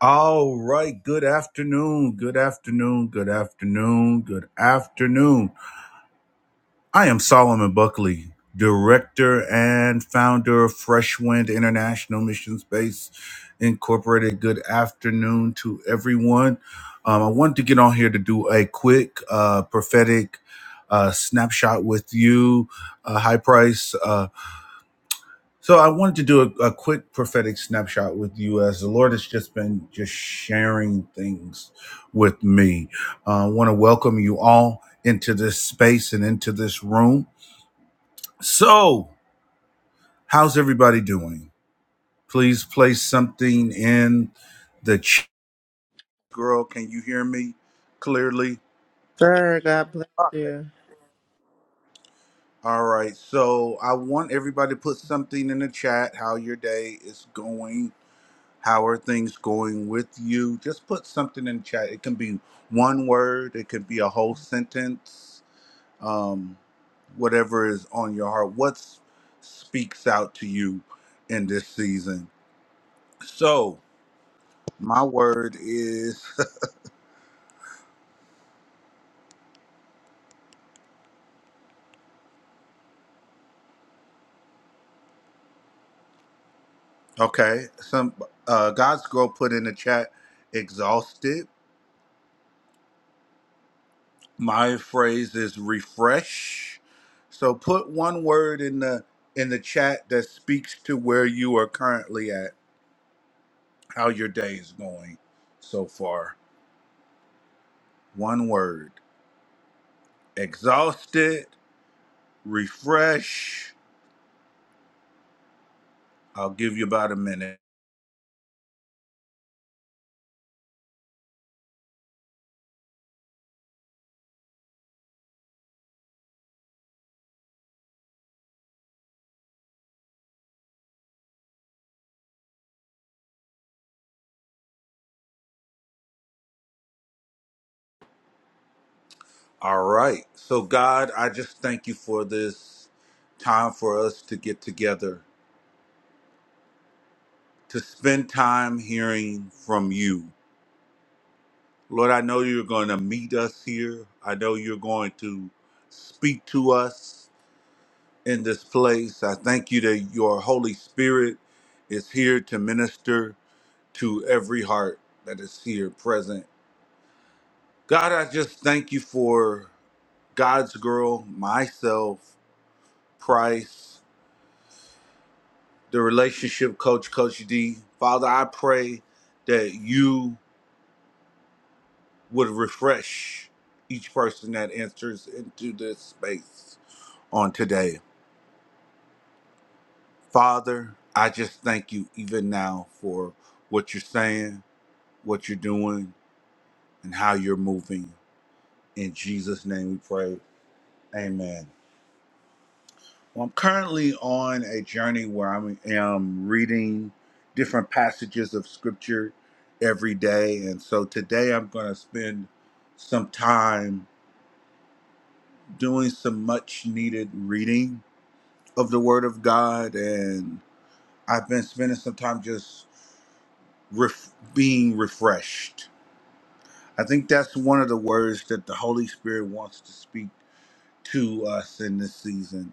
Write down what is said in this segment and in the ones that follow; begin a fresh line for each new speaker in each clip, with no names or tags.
All right. Good afternoon. Good afternoon. Good afternoon. Good afternoon. I am Solomon Buckley, director and founder of Fresh Wind International Mission Space Incorporated. Good afternoon to everyone. Um, I wanted to get on here to do a quick uh, prophetic uh, snapshot with you, uh, High Price. Uh, so I wanted to do a, a quick prophetic snapshot with you as the Lord has just been just sharing things with me. Uh, I want to welcome you all into this space and into this room. So, how's everybody doing? Please place something in the chat, girl. Can you hear me clearly?
Sir, God bless you.
All right. So I want everybody to put something in the chat how your day is going How are things going with you? Just put something in chat. It can be one word, it could be a whole sentence, um, whatever is on your heart. What speaks out to you in this season? So, my word is okay. Some uh, God's girl put in the chat exhausted. My phrase is refresh. So, put one word in the in the chat that speaks to where you are currently at How your day is going so far? One word. Exhausted, refresh. I'll give you about a minute. All right. So God, I just thank you for this time for us to get together, to spend time hearing from you. Lord, I know you're going to meet us here. I know you're going to speak to us in this place. I thank you that your Holy Spirit is here to minister to every heart that is here present. God, I just thank you for God's girl, myself, Price, the relationship coach, Coach D. Father, I pray that you would refresh each person that enters into this space on today. Father, I just thank you even now for what you're saying, what you're doing, and how you're moving. In Jesus' name we pray. Amen. Well, I'm currently on a journey where I am reading different passages of scripture every day. And so today I'm going to spend some time doing some much needed reading of the Word of God. And I've been spending some time just ref- being refreshed. I think that's one of the words that the Holy Spirit wants to speak to us in this season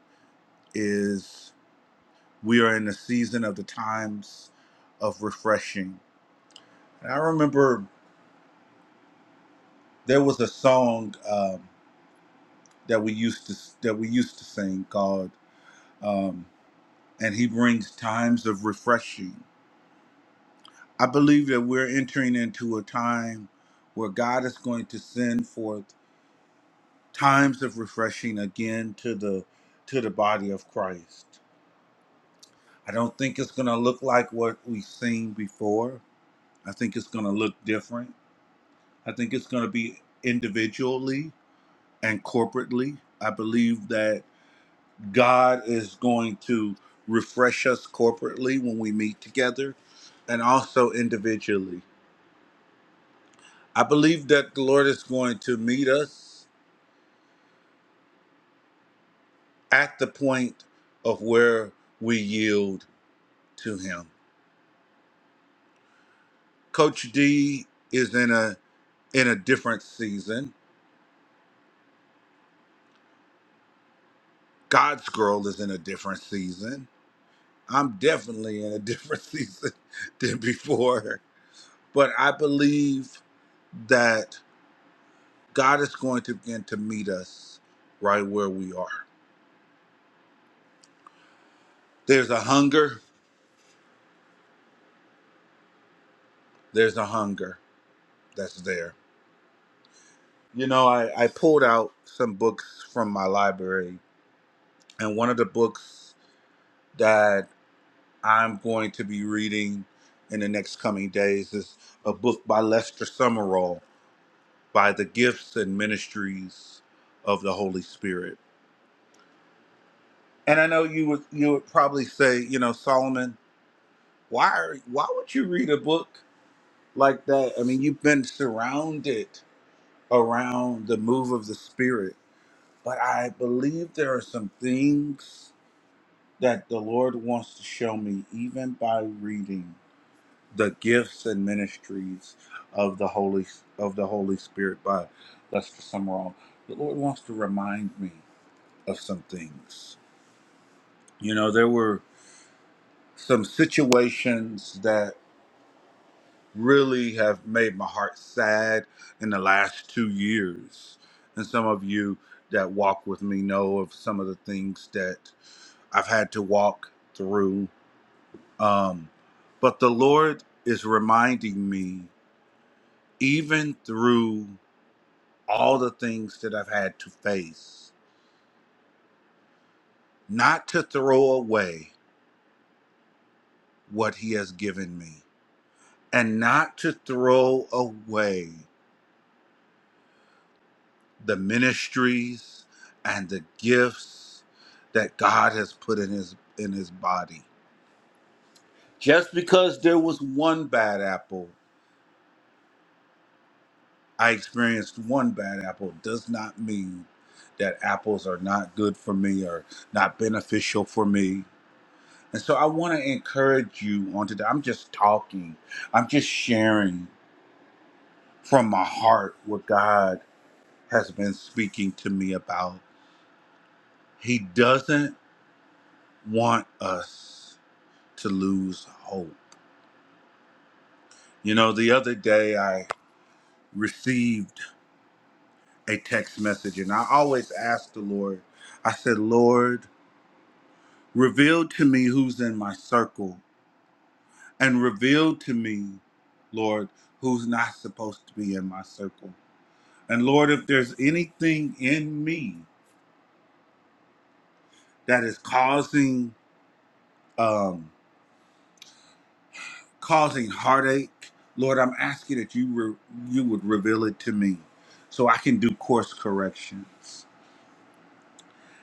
is. We are in the season of the times of refreshing. And I remember there was a song um, that we used to that we used to sing called um, "And He Brings Times of Refreshing." I believe that we're entering into a time where God is going to send forth times of refreshing again to the to the body of Christ. I don't think it's going to look like what we've seen before. I think it's going to look different. I think it's going to be individually and corporately. I believe that God is going to refresh us corporately when we meet together and also individually. I believe that the Lord is going to meet us at the point of where we yield to him. Coach D is in a in a different season. God's girl is in a different season. I'm definitely in a different season than before. But I believe that God is going to begin to meet us right where we are. There's a hunger, there's a hunger that's there. You know, I, I pulled out some books from my library, and one of the books that I'm going to be reading in the next coming days is a book by Lester Summerall by the gifts and ministries of the Holy Spirit. And I know you would you would probably say, you know, Solomon, why are, why would you read a book like that? I mean, you've been surrounded around the move of the spirit, but I believe there are some things that the Lord wants to show me even by reading the gifts and ministries of the Holy of the Holy Spirit by Lester Summerall. The Lord wants to remind me of some things. You know, there were some situations really have made my heart sad in the last two years. And some of you that walk with me know of some of the things that I've had to walk through. Um, but the Lord is reminding me, even through all the things that I've had to face, not to throw away what He has given me and not to throw away the ministries and the gifts that God has put in his in his body. Just because there was one bad apple, I experienced one bad apple does not mean that apples are not good for me or not beneficial for me. And so I want to encourage you on today. I'm just talking. I'm just sharing from my heart what God has been speaking to me about. He doesn't want us. to lose hope. You know, the other day I received a text message and I always ask the Lord, I said, Lord, reveal to me who's in my circle and reveal to me, Lord, who's not supposed to be in my circle. And Lord, if there's anything in me that is causing um causing heartache, Lord, I'm asking that you re- you would reveal it to me so I can do course corrections.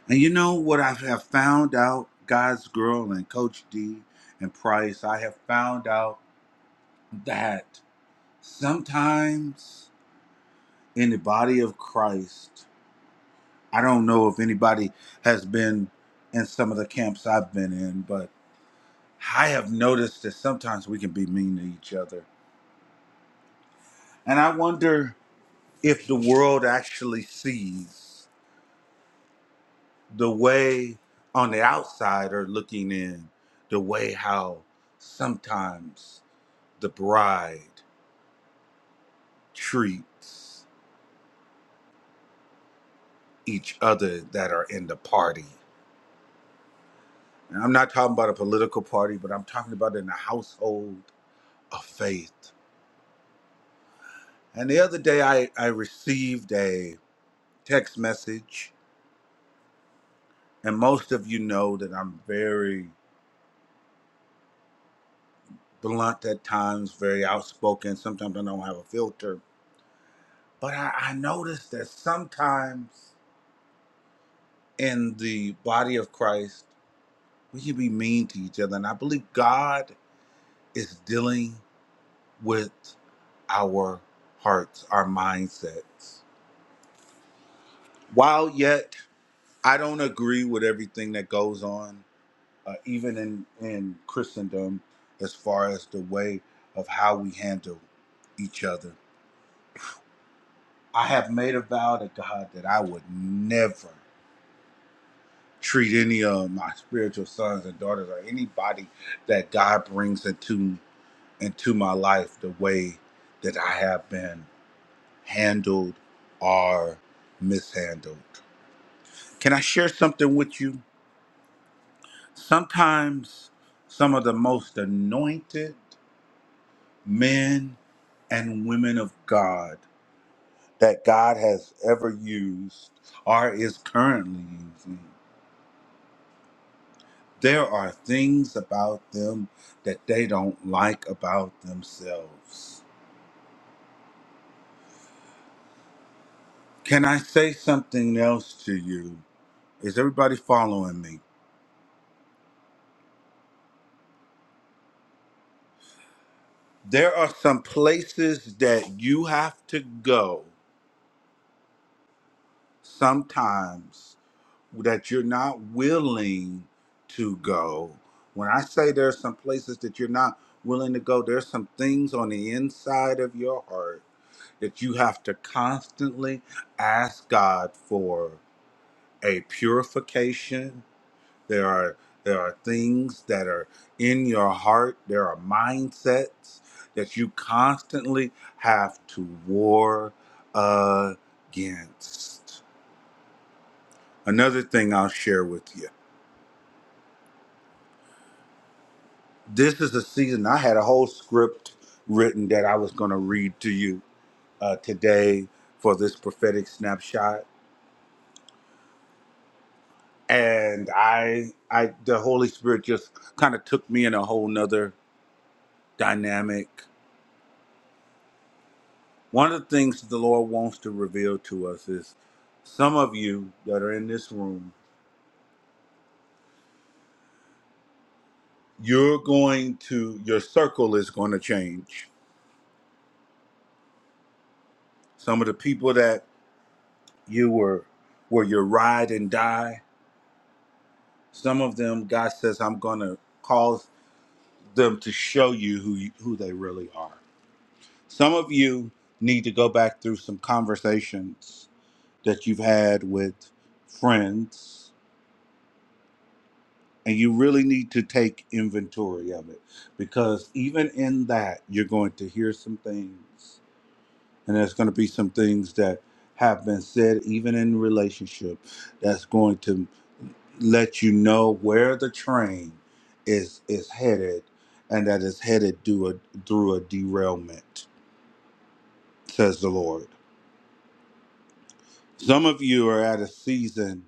And you know what I have found out, God's Girl and Coach D and Price, I have found out that sometimes in the body of Christ, I don't know if anybody has been in some of the camps I've been in, but I have noticed that sometimes we can be mean to each other. And I wonder if the world actually sees the way on the outside or looking in, the way how sometimes the bride treats each other that are in the party. And I'm not talking about a political party, but I'm talking about in the household of faith. And the other day I, I received a text message, and most of you know that I'm very blunt at times, very outspoken. Sometimes I don't have a filter. But I, I noticed that sometimes in the body of Christ, we can be mean to each other. And I believe God is dealing with our hearts, our mindsets. While yet I don't agree with everything that goes on, uh, even in, in Christendom, as far as the way of how we handle each other, I have made a vow to God that I would never treat any of my spiritual sons and daughters or anybody that God brings into into my life the way that I have been handled or mishandled. Can I share something with you? Sometimes some of the most anointed men and women of God that God has ever used or is currently using, there are things about them that they don't like about themselves. Can I say something else to you? Is everybody following me? There are some places that you have to go sometimes that you're not willing to go. When I say there's some places that you're not willing to go, there's some things on the inside of your heart that you have to constantly ask God for a purification. There are there are things that are in your heart, there are mindsets that you constantly have to war against. Another thing I'll share with you this is a season i had a whole script written that i was going to read to you uh, today for this prophetic snapshot and i i the holy spirit just kind of took me in a whole nother dynamic one of the things the lord wants to reveal to us is some of you that are in this room you're going to your circle is going to change some of the people that you were were your ride and die Some of them, God says, I'm going to cause them to show you who, you who they really are. Some of you need to go back through some conversations that you've had with friends, and you really need to take inventory of it because even in that, you're going to hear some things and there's going to be some things that have been said even in relationship that's going to let you know where the train is is headed and that it's headed to a, through a derailment says the lord some of you are at a season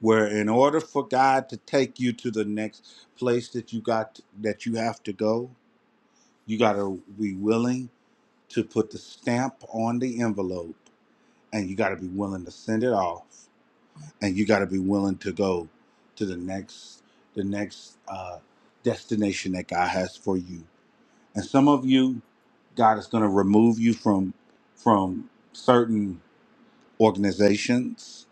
where in order for god to take you to the next place that you got that you have to go you got to be willing to put the stamp on the envelope and you got to be willing to send it off and you got to be willing to go to the next the next uh, destination that God has for you. And some of you, God is going to remove you from from certain organizations.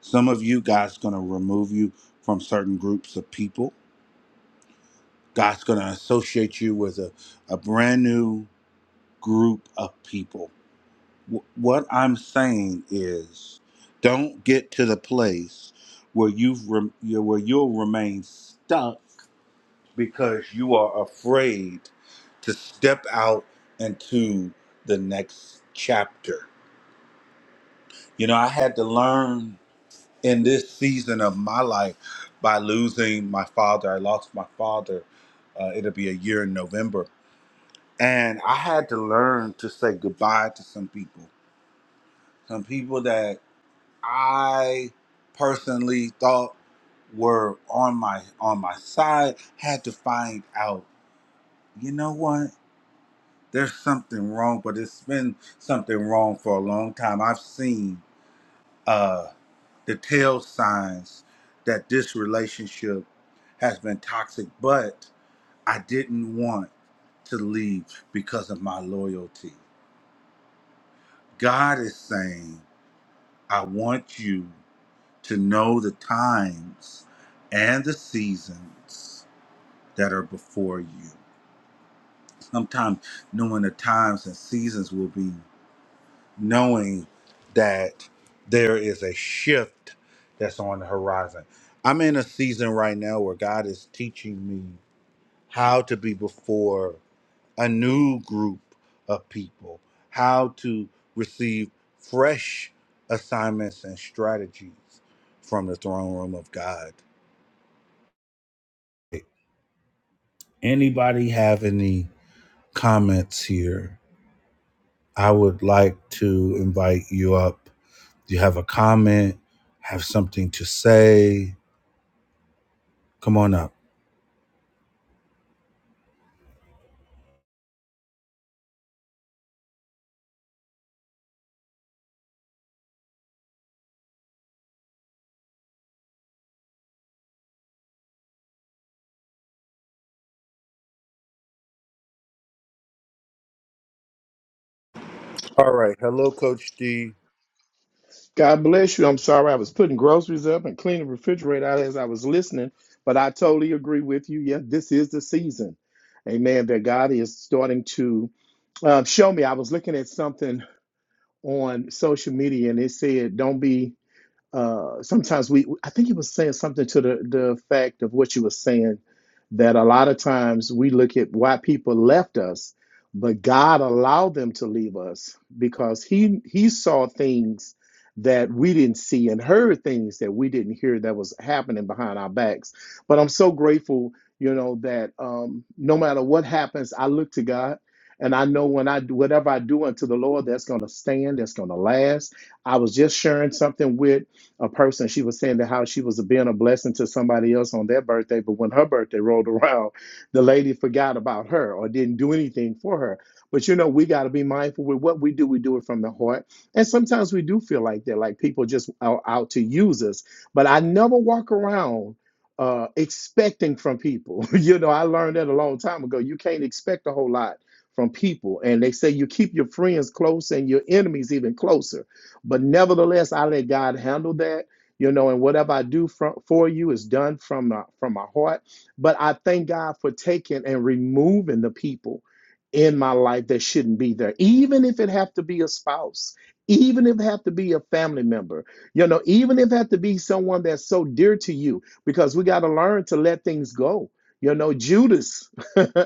Some of you, God's going to remove you from certain groups of people. God's going to associate you with a, a brand new group of people Wh- what I'm saying is, don't get to the place where you've rem- you- where you'll remain stuck because you are afraid to step out into the next chapter. You know, I had to learn in this season of my life by losing my father. I lost my father. Uh, it'll be a year in November, and I had to learn to say goodbye to some people. Some people that I personally thought were on my on my side had to find out. You know what? There's something wrong, but it's been something wrong for a long time. I've seen uh, the tail signs that this relationship has been toxic, but I didn't want to leave because of my loyalty. God is saying, I want you. to know the times and the seasons that are before you. Sometimes knowing the times and seasons will be knowing that there is a shift that's on the horizon. I'm in a season right now where God is teaching me how to be before a new group of people, how to receive fresh assignments and strategies from the throne room of God. Anybody have any comments here? I would like to invite you up. Do you have a comment? Have something to say? Come on up. All right. Hello, Coach D.
God bless you. I'm sorry I was putting groceries up and cleaning the refrigerator out as I was listening, but I totally agree with you. Yeah, this is the season. Amen. That God is starting to um, show me. I was looking at something on social media and it said, don't be uh, sometimes we I think he was saying something to the the effect of what you were saying that a lot of times we look at why people left us, but God allowed them to leave us because he he saw things that we didn't see and heard things that we didn't hear that was happening behind our backs. But I'm so grateful, you know, that um, no matter what happens, I look to God. And I know when I do whatever I do unto the Lord, that's going to stand, that's going to last. I was just sharing something with a person. She was saying that how she was being a blessing to somebody else on their birthday, but when her birthday rolled around, the lady forgot about her or didn't do anything for her. But you know, we got to be mindful with what we do. We do it from the heart. And sometimes we do feel like that, like people just are out to use us. But I never walk around uh, expecting from people. you know, I learned that a long time ago. You can't expect a whole lot from people. And they say you keep your friends close and your enemies even closer. But nevertheless, I let God handle that, you know, and whatever I do from, for you is done from my, from my heart. But I thank God for taking and removing the people in my life that shouldn't be there, even if it have to be a spouse, even if it have to be a family member, you know, even if it have to be someone that's so dear to you, because we got to learn to let things go. You know, Judas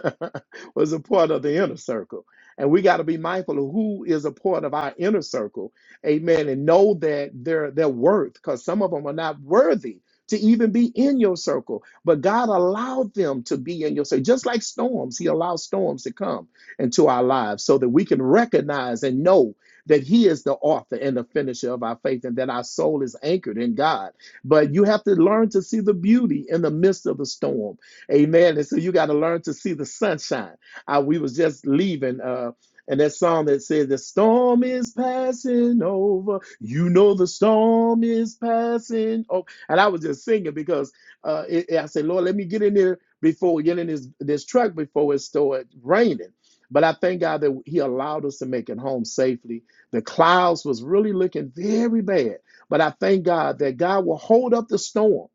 was a part of the inner circle. And we got to be mindful of who is a part of our inner circle amen, and know that their their worth, because some of them are not worthy to even be in your circle. But God allowed them to be in your circle. Just like storms, He allows storms to come into our lives so that we can recognize and know that He is the author and the finisher of our faith and that our soul is anchored in God. But you have to learn to see the beauty in the midst of the storm. Amen. And so you got to learn to see the sunshine. Uh, we was just leaving. uh, and that song that says the storm is passing over. You know the storm is passing over. And I was just singing because uh, it, it- I said, Lord, let me get in there before we get in this this truck before it started raining. But I thank God that He allowed us to make it home safely. The clouds was really looking very bad, but I thank God that God will hold up the storm,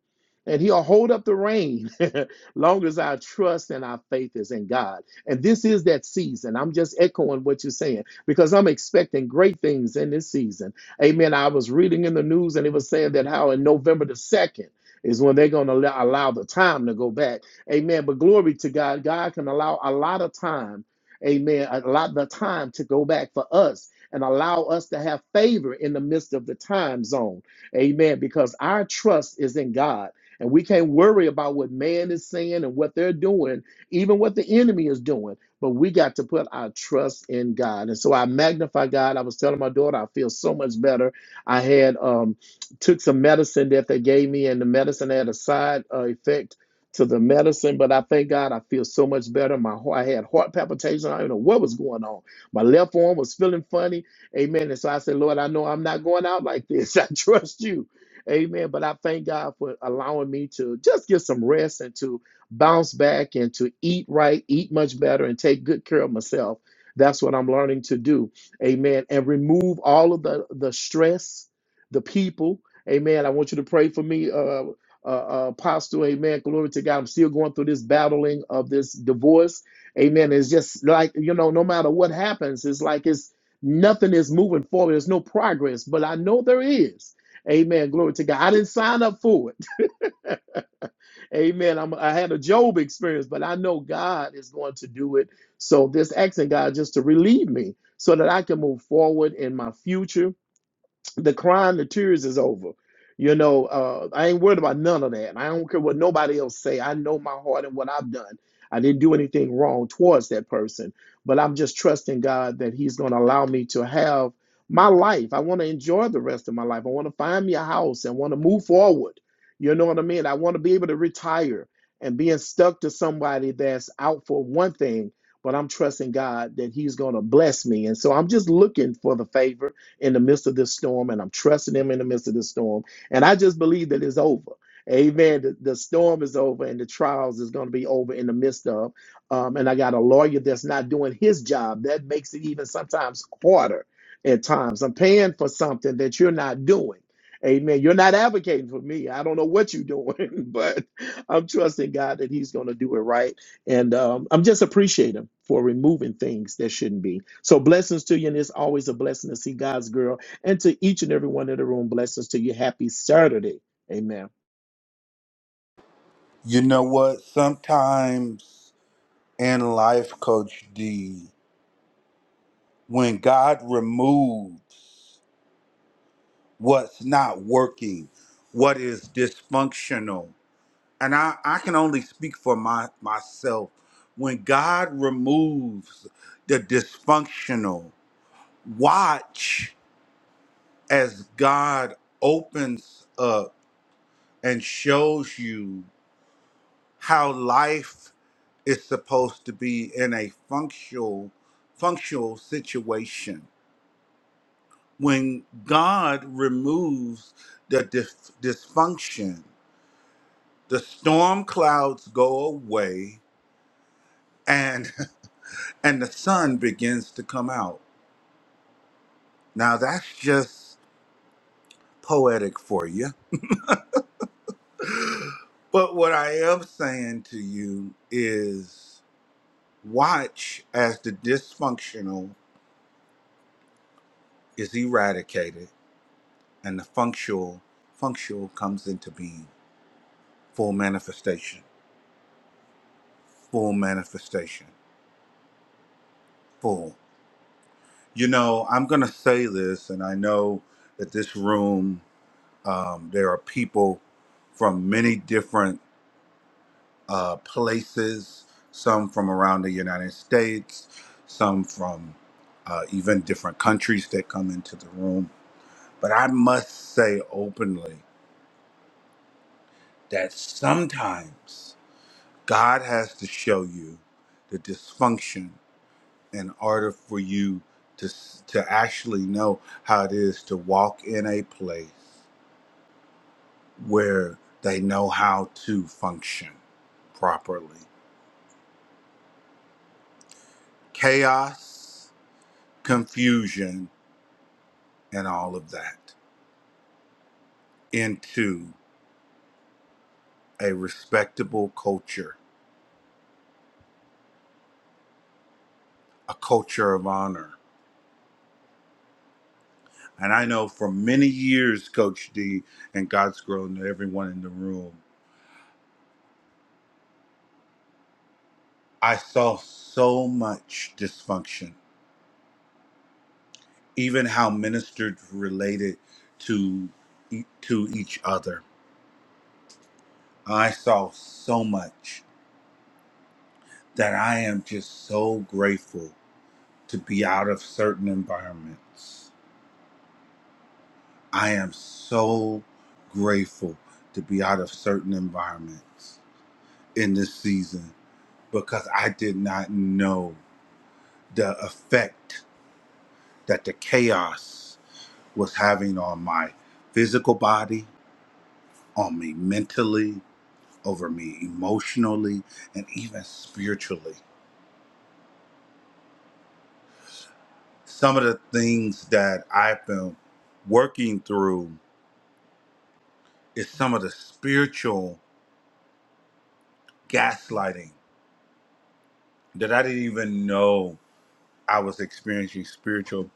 and He'll hold up the rain, long as our trust and our faith is in God. And this is that season. I'm just echoing what you're saying because I'm expecting great things in this season. Amen. I was reading in the news and it was saying that how in November the 2nd is when they're going to allow, allow the time to go back. Amen. But glory to God. God can allow a lot of time. Amen. A lot of time to go back for us and allow us to have favor in the midst of the time zone. Amen. Because our trust is in God. And we can't worry about what man is saying and what they're doing even what the enemy is doing. But we got to put our trust in God. And so I magnify God. I was telling my daughter, I feel so much better. I had um, took some medicine that they gave me, and the medicine had a side uh, effect to the medicine. But I thank God, I feel so much better. My heart, I had heart palpitations. I don't know what was going on. My left arm was feeling funny. Amen. And so I said, Lord, I know I'm not going out like this. I trust you. Amen. But I thank God for allowing me to just get some rest and to bounce back and to eat right, eat much better, and take good care of myself. That's what I'm learning to do. Amen. And remove all of the, the stress, the people. Amen. I want you to pray for me, uh, uh, uh, Apostle. Amen. Glory to God. I'm still going through this battling of this divorce. Amen. It's just like, you know, no matter what happens, it's like it's nothing is moving forward. There's no progress, but I know there is. Amen. Glory to God. I didn't sign up for it. Amen. I'm, I had a Job experience, but I know God is going to do it. So this asking God just to relieve me so that I can move forward in my future the crying, the tears is over. You know, uh, I ain't worried about none of that. I don't care what nobody else say. I know my heart and what I've done. I didn't do anything wrong towards that person, but I'm just trusting God that He's going to allow me to have my life. I want to enjoy the rest of my life. I want to find me a house and want to move forward. You know what I mean? I want to be able to retire and being stuck to somebody that's out for one thing, but I'm trusting God that He's going to bless me. And so I'm just looking for the favor in the midst of this storm, and I'm trusting Him in the midst of this storm. And I just believe that it's over. Amen. The, the storm is over and the trials is going to be over in the midst of. Um, and I got a lawyer that's not doing his job. That makes it even sometimes harder at times. I'm paying for something that you're not doing. Amen. You're not advocating for me. I don't know what you're doing, but I'm trusting God that He's going to do it right and um, I'm just appreciative for removing things that shouldn't be. So blessings to you, and it's always a blessing to see God's girl. And to each and every one in the room, blessings to you. Happy Saturday. Amen.
You know what? Sometimes in life, Coach D, when God removes, what's not working, what is dysfunctional. And I, I can only speak for my myself. When God removes the dysfunctional, watch as God opens up and shows you how life is supposed to be in a functional functional situation. When God removes the dys- dysfunction, the storm clouds go away and and the sun begins to come out now that's just poetic for you but what i am saying to you is watch as the dysfunctional is eradicated and the functional functional comes into being full manifestation full manifestation full you know i'm going to say this and i know that this room Um, there are people from many different uh, places, some from around the United States, some from uh, even different countries that come into the room. But I must say openly that sometimes God has to show you the dysfunction in order for you to, to actually know how it is to walk in a place where they know how to function properly. Chaos, confusion, and all of that into a respectable culture, a culture of honor. And I know for many years, Coach D and God's Grown and everyone in the room, I saw so much dysfunction, even how ministers related to, e- to each other. I saw so much that I am just so grateful to be out of certain environments. I am so grateful to be out of certain environments in this season because I did not know the effect that the chaos was having on my physical body, on me mentally, over me emotionally, and even spiritually. Some of the things that I've been working through is some of the spiritual gaslighting that I didn't even know I was experiencing spiritual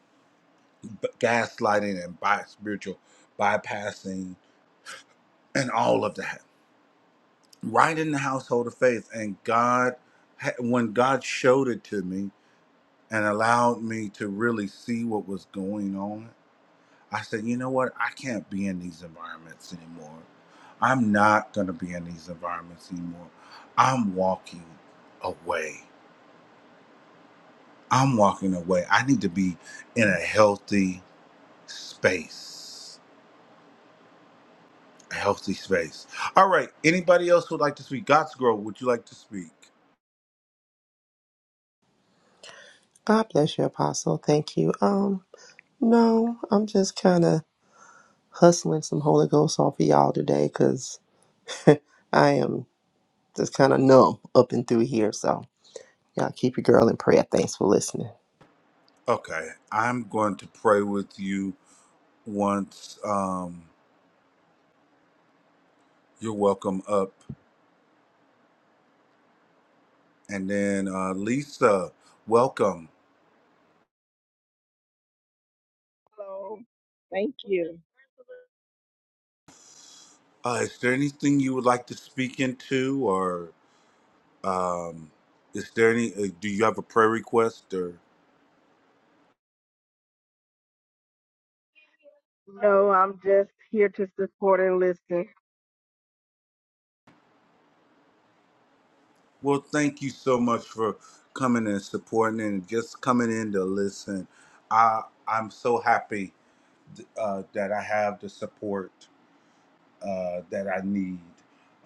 b- gaslighting and by spiritual bypassing and all of that right in the household of faith. And God, ha- when God showed it to me and allowed me to really see what was going on, I said, you know what? I can't be in these environments anymore. I'm not going to be in these environments anymore. I'm walking away. I'm walking away. I need to be in a healthy space. A healthy space. All right. Anybody else would like to speak? God's girl, would you like to speak?
God bless you, Apostle. Thank you. Um, no, I'm just kind of hustling some Holy Ghost off of y'all today because I am just kind of numb up and through here. So, y'all keep your girl in prayer. Thanks for listening.
Okay. I'm going to pray with you once um, you're welcome up. And then uh, Lisa, welcome.
Hello. Thank you.
Uh, is there anything you would like to speak into or um, is there any, uh, do you have a prayer request or?
No, I'm just here to support and listen.
Well, thank you so much for coming and supporting and just coming in to listen. I I'm so happy uh, that I have the support uh, that I need.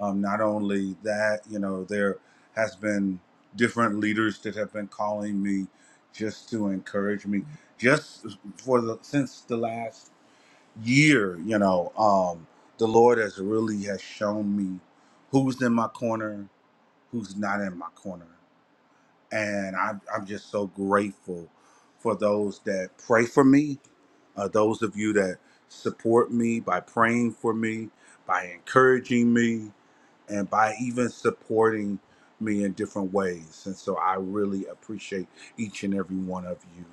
Um, not only that, you know, there has been different leaders that have been calling me just to encourage me, just for the since the last year. You know, um, the Lord has really has shown me who's in my corner, who's not in my corner and I'm, I'm just so grateful for those that pray for me, uh, those of you that support me by praying for me, by encouraging me, and by even supporting me in different ways. And so I really appreciate each and every one of you.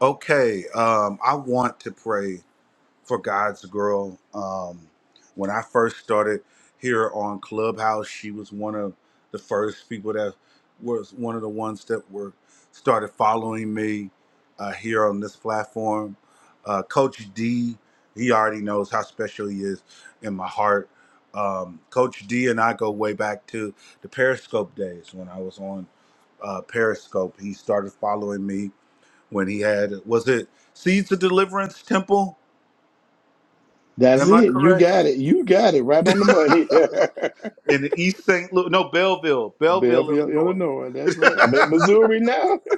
Okay, um, I want to pray. for God's Girl. Um, when I first started here on Clubhouse, she was one of the first people that was one of the ones that were started following me uh, here on this platform. Uh, Coach D, he already knows how special he is in my heart. Um, Coach D and I go way back to the Periscope days when I was on uh, Periscope. He started following me when he had was it Seeds of Deliverance Temple
That's
Am I
it. You
correct?
got it. You got it right on the money.
In the East St. Louis, no, Belleville, Belleville,
Belleville,
Illinois.
Illinois. That's right. I'm in Missouri now.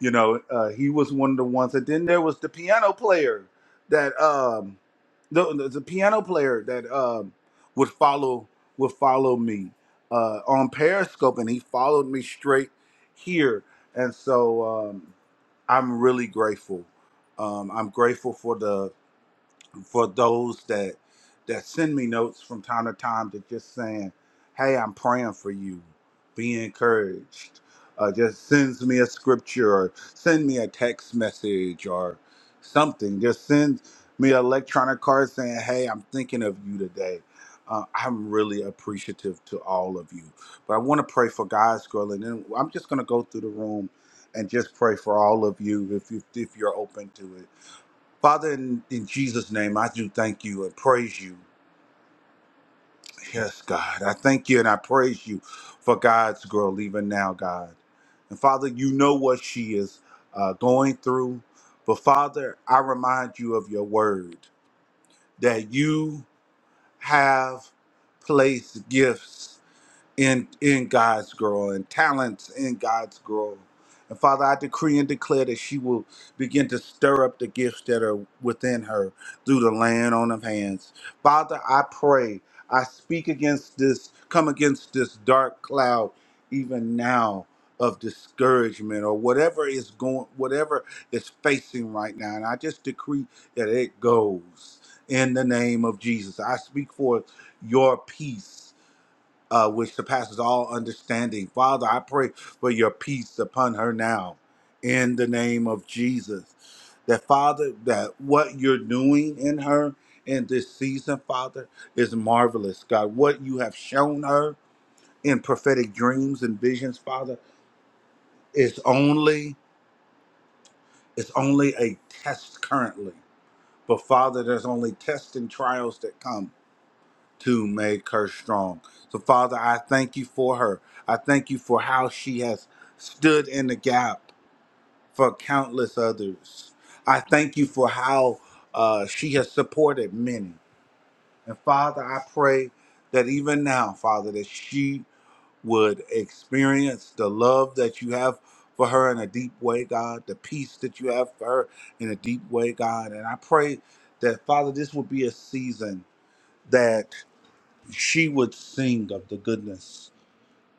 You know, uh, he was one of the ones. And then there was the piano player that, um, the, the, the piano player that um, would follow would follow me uh, on Periscope, and he followed me straight here. And so um, I'm really grateful. Um, I'm grateful for the for those that that send me notes from time to time that just saying, "Hey, I'm praying for you. Be encouraged." Uh, just sends me a scripture or send me a text message or something. Just send me an electronic card saying, "Hey, I'm thinking of you today." Uh, I'm really appreciative to all of you. But I want to pray for God's girl, and then I'm just going to go through the room and just pray for all of you if you, if you're open to it. Father, in, in Jesus' name, I do thank you and praise you. Yes, God. I thank you and I praise you for God's girl, even now, God. And Father, you know what she is uh, going through. But Father, I remind you of your word that you have placed gifts in in God's girl and talents in God's girl. And Father, I decree and declare that she will begin to stir up the gifts that are within her through the laying on of hands. Father, I pray, I speak against this, come against this dark cloud even now of discouragement or whatever is going whatever is facing right now. And I just decree that it goes in the name of Jesus. I speak for your peace uh, which surpasses all understanding. Father, I pray for your peace upon her now in the name of Jesus. That, Father, that what you're doing in her in this season, Father, is marvelous. God, what you have shown her in prophetic dreams and visions, Father, is only it's only a test currently. But Father, there's only tests and trials that come. to make her strong. So, Father, I thank you for her. I thank you for how she has stood in the gap for countless others. I thank you for how uh, she has supported many. And, Father, I pray that even now, Father, that she would experience the love that you have for her in a deep way, God, the peace that you have for her in a deep way, God. And I pray that, Father, this would be a season. that she would sing of the goodness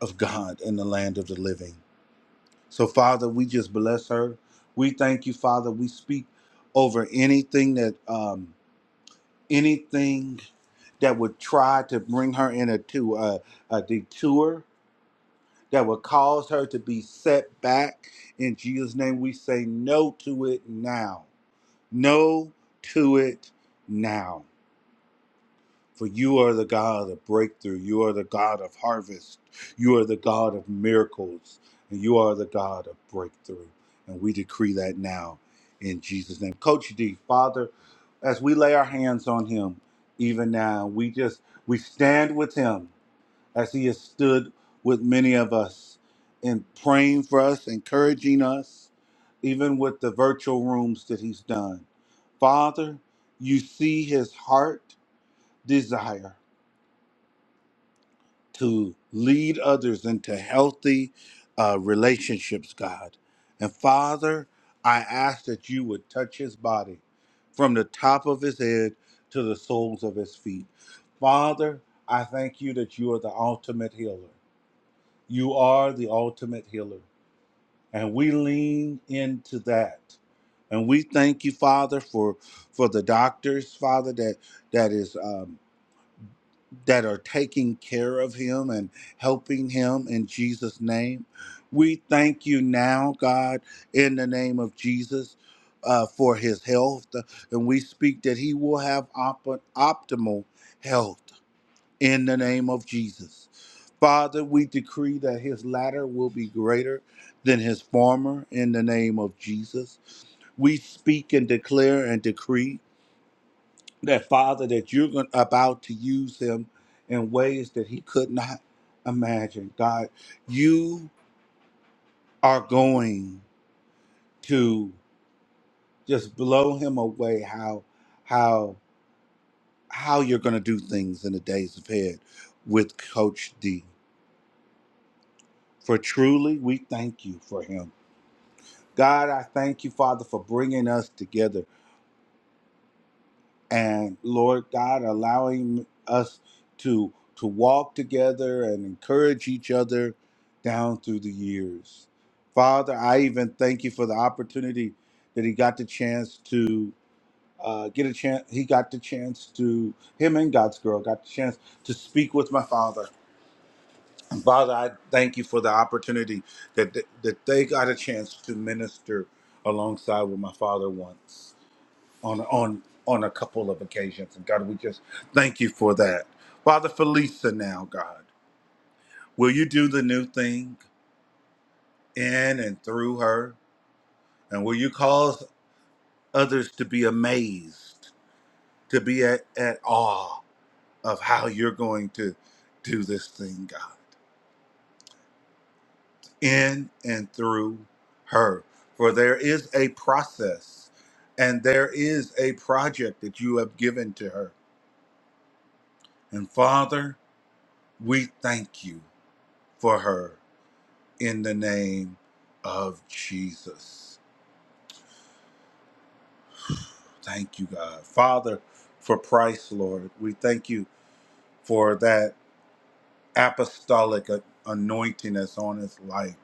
of God in the land of the living. So, Father, we just bless her. We thank you, Father. We speak over anything that um, anything that would try to bring her in a, to a, a detour that would cause her to be set back. In Jesus' name, we say no to it now. No to it now. For you are the God of breakthrough. You are the God of harvest. You are the God of miracles. And you are the God of breakthrough. And we decree that now in Jesus' name. Coach D, Father, as we lay our hands on him, even now, we just, we stand with him as he has stood with many of us in praying for us, encouraging us, even with the virtual rooms that he's done. Father, you see his heart desire to lead others into healthy uh, relationships, God. And Father, I ask that you would touch his body from the top of his head to the soles of his feet. Father, I thank you that you are the ultimate healer. You are the ultimate healer. And we lean into that. And we thank you, Father, for for the doctors, Father, that that is um, that are taking care of him and helping him in Jesus' name. We thank you now, God, in the name of Jesus, uh, for his health. And we speak that he will have op- optimal health in the name of Jesus. Father, we decree that his latter will be greater than his former in the name of Jesus. We speak and declare and decree that Father, that you're going, about to use him in ways that he could not imagine. God, you are going to just blow him away. How, how, how you're going to do things in the days ahead with Coach D. For truly, we thank you for him. God, I thank you, Father, for bringing us together and Lord God, allowing us to to walk together and encourage each other down through the years. Father, I even thank you for the opportunity that he got the chance to uh, get a chance. He got the chance to him and God's girl got the chance to speak with my father. And Father, I thank you for the opportunity that that that they got a chance to minister alongside with my father once on on on a couple of occasions. And God, we just thank you for that. Father, for Lisa now, God, will you do the new thing in and through her? And will you cause others to be amazed, to be at, at awe of how you're going to do this thing, God, in and through her? For there is a process and there is a project that you have given to her. And Father, we thank you for her. in the name of Jesus. Thank you, God. Father, for Christ, Lord, we thank you for that apostolic a- anointing that's on his life.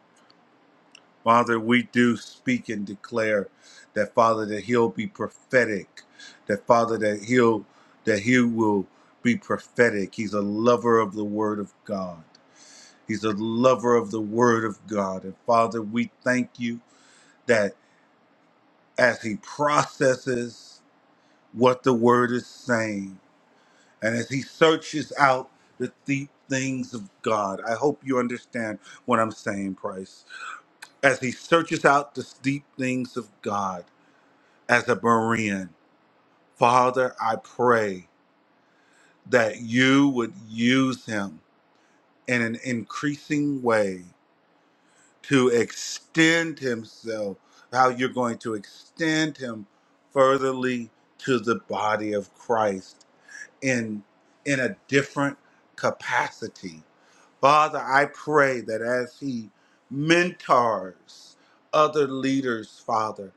Father, we do speak and declare that, Father, that he'll be prophetic, that, Father, that he'll, that he will be prophetic. He's a lover of the word of God. He's a lover of the word of God. And Father, we thank you that as he processes what the word is saying. And as he searches out the deep things of God, I hope you understand what I'm saying, Price. As he searches out the deep things of God as a Berean, Father, I pray that you would use him in an increasing way to extend himself, how you're going to extend him furtherly to the body of Christ in in a different capacity Father, I pray that as he mentors other leaders, Father,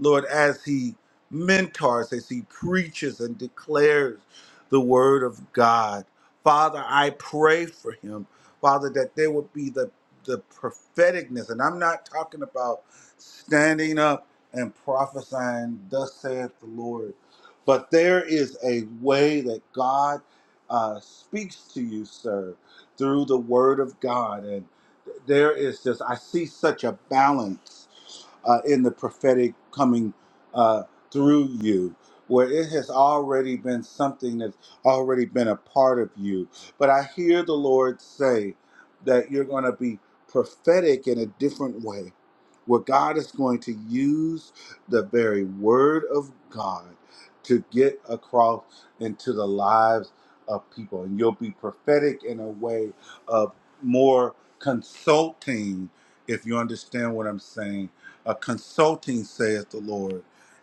Lord, as he mentors, as he preaches and declares the word of God, Father, I pray for him, Father, that there would be the, the propheticness. And I'm not talking about standing up and prophesying, thus saith the Lord, but there is a way that God uh, speaks to you, sir through the Word of God. And there is just, I see such a balance uh, in the prophetic coming uh, through you, where it has already been something that's already been a part of you. But I hear the Lord say that you're going to be prophetic in a different way, where God is going to use the very word of God to get across into the lives of people. And you'll be prophetic in a way of more consulting, if you understand what I'm saying. A consulting, saith the Lord,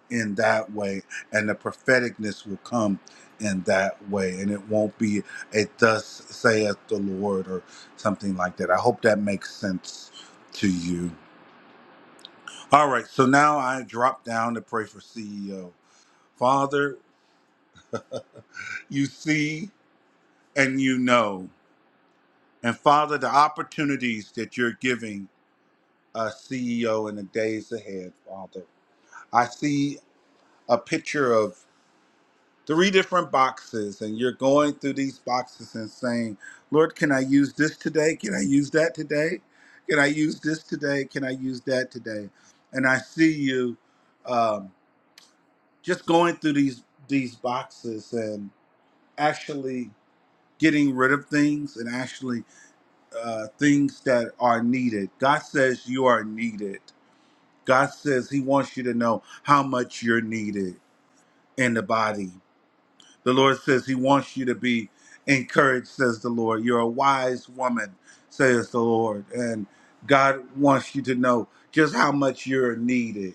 in that way. And the propheticness will come in that way. And it won't be a thus saith the Lord or something like that. I hope that makes sense to you. All right, so now I drop down to pray for CEO. Father, you see and you know. And Father, the opportunities that you're giving a CEO in the days ahead, Father. I see a picture of three different boxes, and you're going through these boxes and saying, Lord, can I use this today? Can I use that today? Can I use this today? Can I use that today? And I see you um, just going through these these boxes and actually getting rid of things and actually uh, things that are needed. God says you are needed. God says He wants you to know how much you're needed in the body. The Lord says He wants you to be encouraged, says the Lord. You're a wise woman, says the Lord. And God wants you to know just how much you're needed.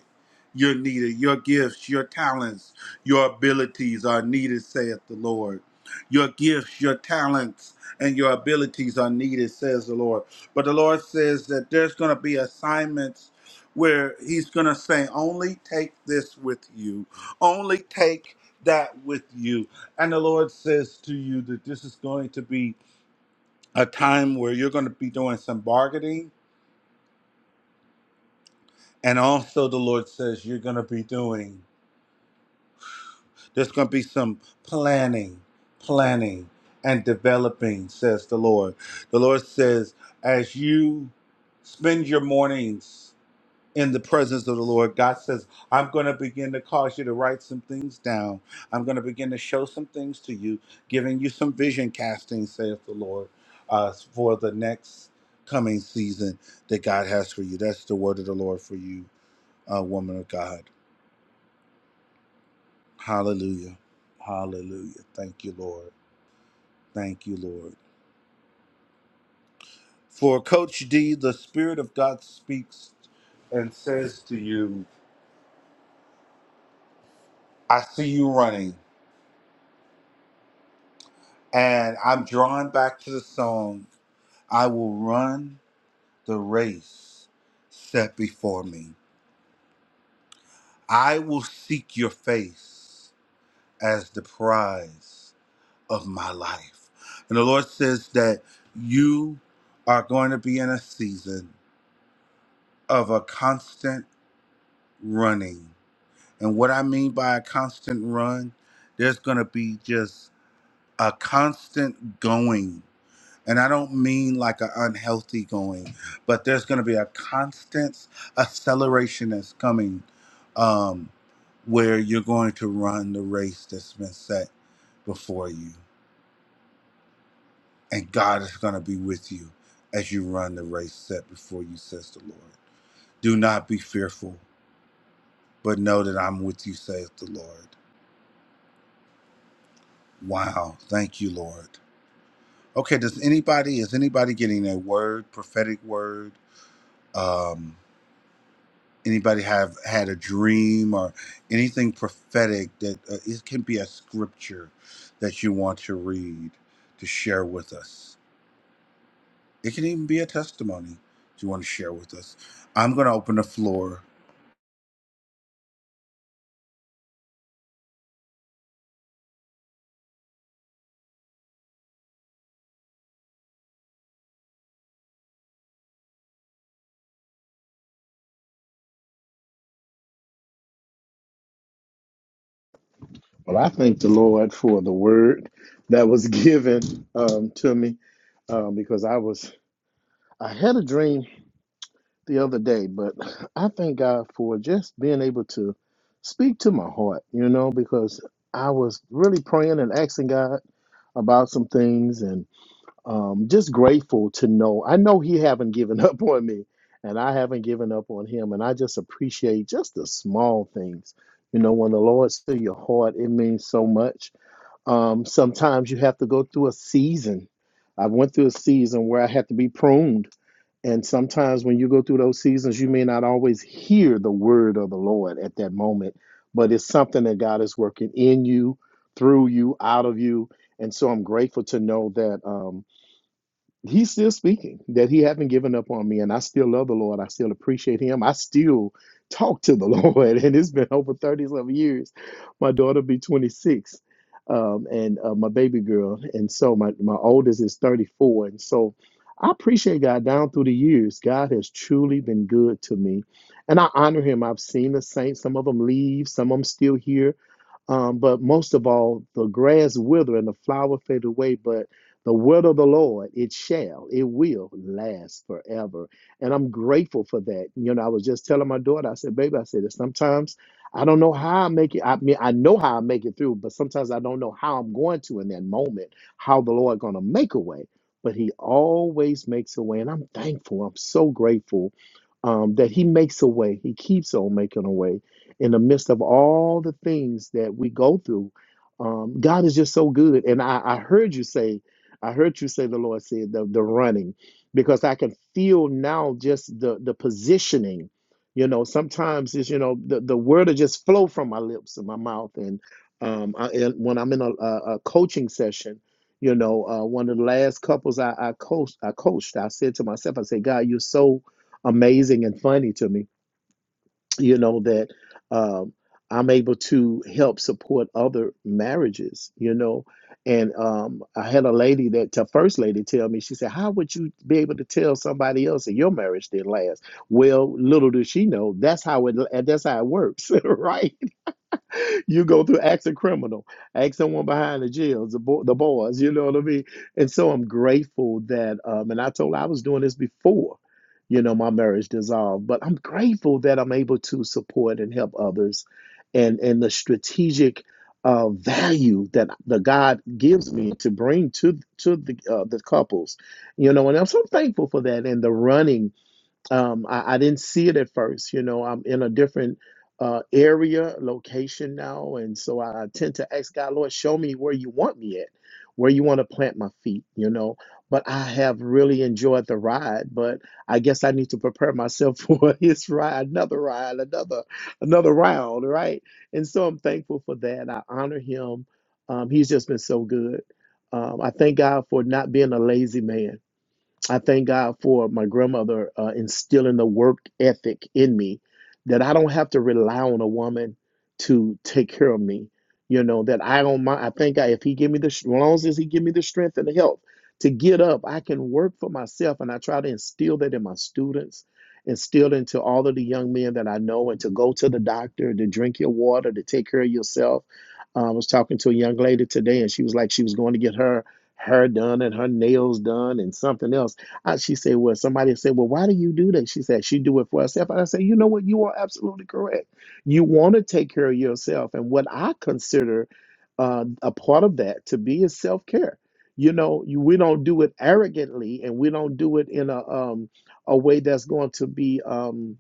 You're needed. Your gifts, your talents, your abilities are needed, saith the Lord. Your gifts, your talents, and your abilities are needed, says the Lord. But the Lord says that there's going to be assignments where He's going to say, only take this with you, only take that with you and the Lord says to you that this is going to be a time where you're going to be doing some bargaining. And also, the Lord says you're going to be doing, there's going to be some planning, planning, and developing, says the Lord. The Lord says, as you spend your mornings in the presence of the Lord. God says, I'm going to begin to cause you to write some things down. I'm going to begin to show some things to you, giving you some vision casting, saith the Lord, uh, for the next coming season that God has for you. That's the word of the Lord for you, uh, woman of God. Hallelujah. Hallelujah. Thank you, Lord. Thank you, Lord. For Coach D, the Spirit of God speaks and says to you, I see you running. And I'm drawn back to the song, I will run the race set before me. I will seek your face as the prize of my life. And the Lord says that you are going to be in a season of a constant running. And what I mean by a constant run, there's going to be just a constant going And I don't mean like an unhealthy going, but there's going to be a constant acceleration that's coming um, where you're going to run the race that's been set before you. And God is going to be with you as you run the race set before you, says the Lord. Do not be fearful, but know that I'm with you, says the Lord. Wow. Thank you, Lord. Okay, does anybody, is anybody getting a word, prophetic word? Um, anybody have had a dream or anything prophetic that uh, it can be a scripture that you want to read to share with us it can even be a testimony that you want to share with us i'm going to open the floor
Well, I thank the Lord for the word that was given um, to me um, because I was, I had a dream the other day, but I thank God for just being able to speak to my heart, you know, because I was really praying and asking God about some things and um, just grateful to know. I know He haven't given up on me and I haven't given up on Him. And I just appreciate just the small things. You know, when the Lord's to your heart, it means so much. Um, sometimes you have to go through a season. I went through a season where I had to be pruned and sometimes when you go through those seasons, you may not always hear the word of the Lord at that moment, but it's something that God is working in you, through you, out of you. And so I'm grateful to know that. um, he's still speaking that he haven't given up on me and i still love the lord i still appreciate him i still talk to the lord and it's been over thirty-seven years my daughter will be 26 um, and uh, my baby girl and so my, my oldest is 34 and so i appreciate god down through the years god has truly been good to me and i honor him i've seen the saints some of them leave some of them still here um, but most of all, the grass wither and the flower fade away, but the word of the Lord, it shall, it will last forever. And I'm grateful for that. You know, I was just telling my daughter, I said, baby, I said, sometimes I don't know how I make it. I mean, I know how I make it through, but sometimes I don't know how I'm going to in that moment, how the Lord gonna make a way. But he always makes a way. And I'm thankful. I'm so grateful um, that he makes a way. He keeps on making a way in the midst of all the things that we go through, um, God is just so good. And I, I heard you say, I heard you say the Lord said the, the running, because I can feel now just the the positioning. You know, sometimes it's you know the, the word will just flow from my lips and my mouth. And um, I, and when I'm in a, a, a coaching session, you know, uh, one of the last couples I, I coached, I coached, I said to myself, I said, God, you're so amazing and funny to me you know that um, i'm able to help support other marriages you know and um, i had a lady that the first lady tell me she said how would you be able to tell somebody else that your marriage didn't last well little does she know that's how it that's how it works right you go through ask a criminal, ask someone behind the jails, the, bo- the bars, you know what I mean? And so I'm grateful that, um, and I told her I was doing this before, you know, my marriage dissolved, but I'm grateful that I'm able to support and help others and, and the strategic uh, value that the God gives me to bring to to the uh, the couples, you know, and I'm so thankful for that and the running um, I, I didn't see it at first. You know, I'm in a different uh, area, location now, and so I tend to ask God, Lord, show me where you want me at, where you want to plant my feet. You know, but I have really enjoyed the ride. But I guess I need to prepare myself for His ride, another ride, another another round, right? And so I'm thankful for that. I honor Him. Um, he's just been so good. Um, I thank God for not being a lazy man I thank God for my grandmother uh, instilling the work ethic in me that I don't have to rely on a woman to take care of me. You know that I don't mind. I thank God if he give me the as long as he give me the strength and the health to get up, I can work for myself. And I try to instill that in my students, instill into all of the young men that I know, and to go to the doctor, to drink your water, to take care of yourself. Uh, I was talking to a young lady today, and she was like she was going to get her hair done and her nails done and something else I, she said, well, somebody said, well, why do you do that? She said, she do it for herself. And I said, you know what? You are absolutely correct. You want to take care of yourself. And what I consider uh, a part of that to be is self-care. You know, you, we don't do it arrogantly and we don't do it in a, um, a way that's going to be um,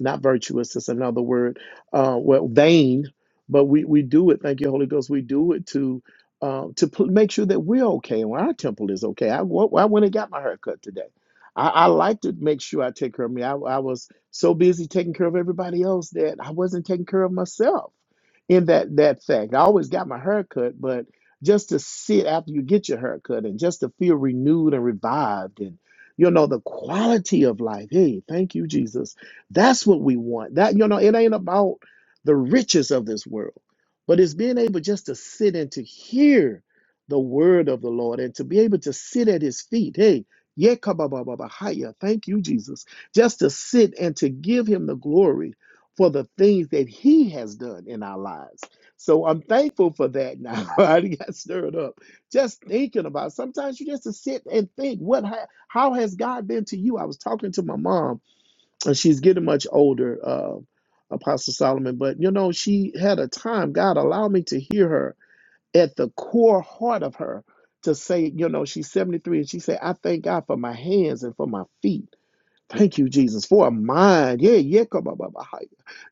not virtuous is another word, uh, well, vain, but we, we do it. Thank you, Holy Ghost. We do it to, uh, to pl- make sure that we're okay and our temple is okay. I, wa- I went and got my hair cut today. I, I like to make sure I take care of me. I, I was so busy taking care of everybody else that I wasn't taking care of myself in that that fact. I always got my hair cut, but just to sit after you get your hair cut and just to feel renewed and revived and you know the quality of life. Hey, thank you, Jesus. That's what we want. That you know, it ain't about the riches of this world. But it's being able just to sit and to hear the word of the Lord and to be able to sit at his feet. Hey, Yekabababahaya, thank you, Jesus. Just to sit and to give him the glory for the things that he has done in our lives. So I'm thankful for that now. I got stirred up just thinking about sometimes you just to sit and think what ha- how has God been to you? I was talking to my mom and she's getting much older, uh, Apostle Solomon. But you know, she had a time. God allowed me to hear her at the core heart of her to say, you know, she's 73, and she said, "I thank God for my hands and for my feet." Thank you, Jesus, for a mind. Yeah, yeah, come on,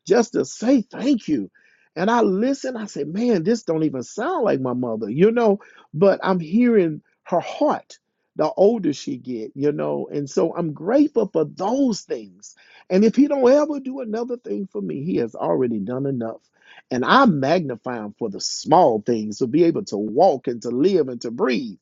Just to say thank you. And I listen, I say, man, this don't even sound like my mother, you know, but I'm hearing her heart the older she get, you know, and so I'm grateful for those things. And if he don't ever do another thing for me, he has already done enough. And I magnify him for the small things to be able to walk and to live and to breathe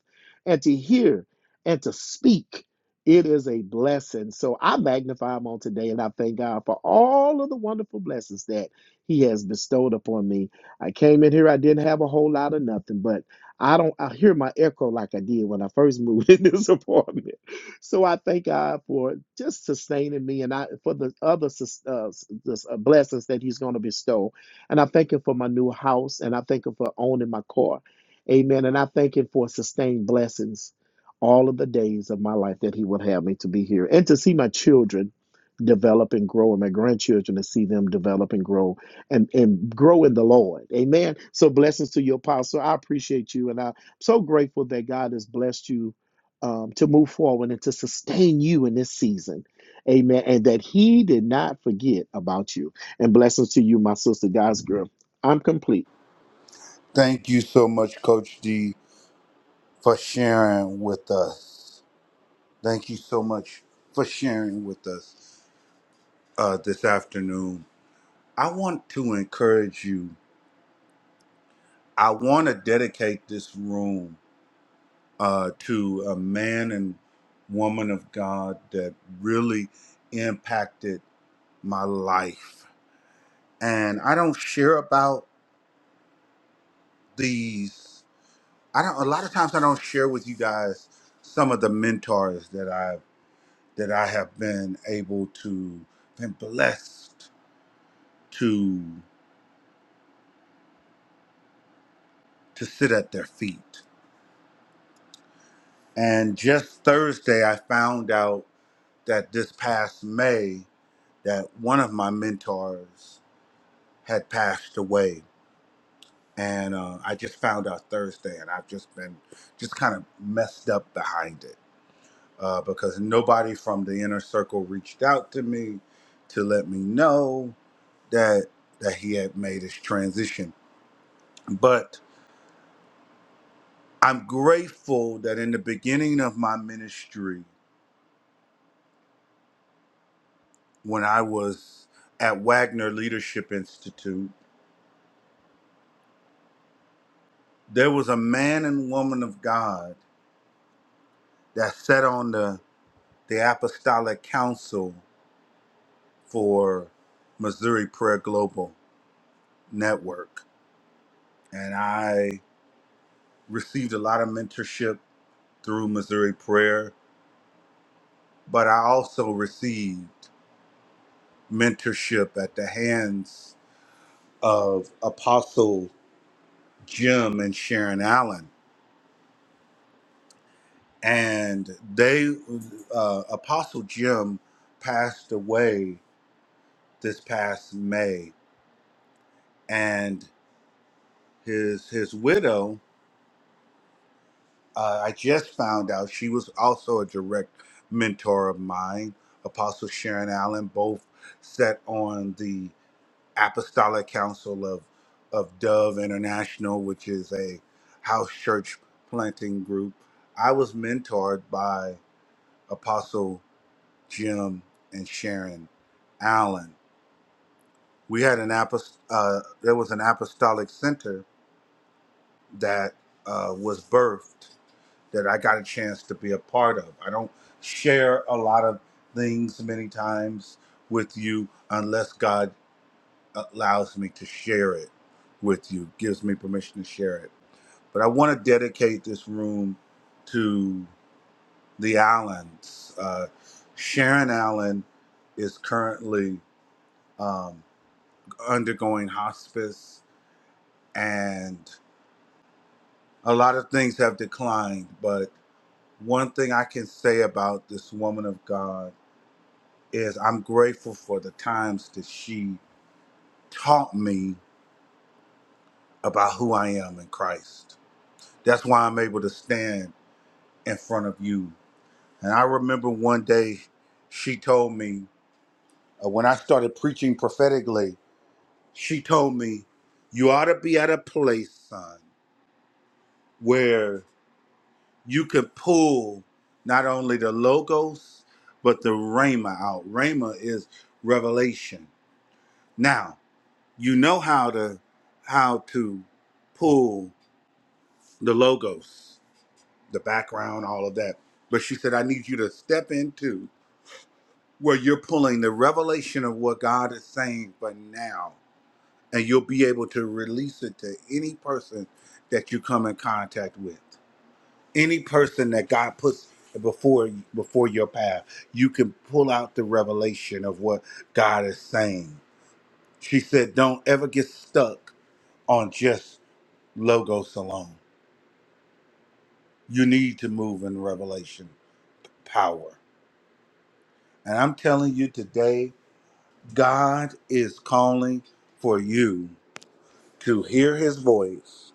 and to hear and to speak it is a blessing. So I magnify him on today and I thank God for all of the wonderful blessings that he has bestowed upon me. I came in here, I didn't have a whole lot of nothing, but I don't I hear my echo like I did when I first moved in this apartment. So I thank God for just sustaining me and I for the other sus- uh, s- this, uh, blessings that he's going to bestow. And I thank him for my new house and I thank him for owning my car. Amen. And I thank him for sustained blessings all of the days of my life that He would have me to be here and to see my children develop and grow and my grandchildren to see them develop and grow and, and grow in the Lord. Amen. So blessings to you, Apostle. I appreciate you and I'm so grateful that God has blessed you um, to move forward and to sustain you in this season. Amen. And that He did not forget about you. And blessings to you, my sister, God's girl. I'm complete.
thank you so much coach d for sharing with us thank you so much for sharing with us uh, this afternoon i want to encourage you i want to dedicate this room uh, to a man and woman of God that really impacted my life. And I don't share about these. I don't. A lot of times I don't share with you guys some of the mentors that I that I have been able to been blessed to to sit at their feet. And just Thursday, I found out that this past May that one of my mentors had passed away and uh, I just found out Thursday, and I've just been just kind of messed up behind it uh, because nobody from the inner circle reached out to me to let me know that that he had made his transition. But I'm grateful that in the beginning of my ministry, when I was at Wagner Leadership Institute, there was a man and woman of God that sat on the the apostolic council for Missouri Prayer Global Network. And I received a lot of mentorship through Missouri Prayer, but I also received mentorship at the hands of Apostle Jim and Sharon Allen. And they, uh, Apostle Jim passed away this past May, and his his widow uh, I just found out she was also a direct mentor of mine. Apostle Sharon Allen both sat on the Apostolic Council of of Dove International, which is a house church planting group. I was mentored by Apostle Jim and Sharon Allen. We had an apost- uh, there was an apostolic center that uh, was birthed that I got a chance to be a part of. I don't share a lot of things many times with you unless God allows me to share it with you, gives me permission to share it. But I want to dedicate this room to the Allens. Uh, Sharon Allen is currently um, undergoing hospice, and a lot of things have declined. But one thing I can say about this woman of God is I'm grateful for the times that she taught me about who I am in Christ. That's why I'm able to stand in front of you. And I remember one day she told me, uh, when I started preaching prophetically, she told me, You ought to be at a place, son, where you can pull not only the logos, but the Rhema out. Rhema is revelation. Now. you know how to how to pull the logos the background all of that but she said i need you to step into where you're pulling the revelation of what god is saying for now and you'll be able to release it to any person that you come in contact with any person that god puts before before your path you can pull out the revelation of what god is saying she said don't ever get stuck on just logos alone. You need to move in revelation power. And I'm telling you today, God is calling for you to hear his voice,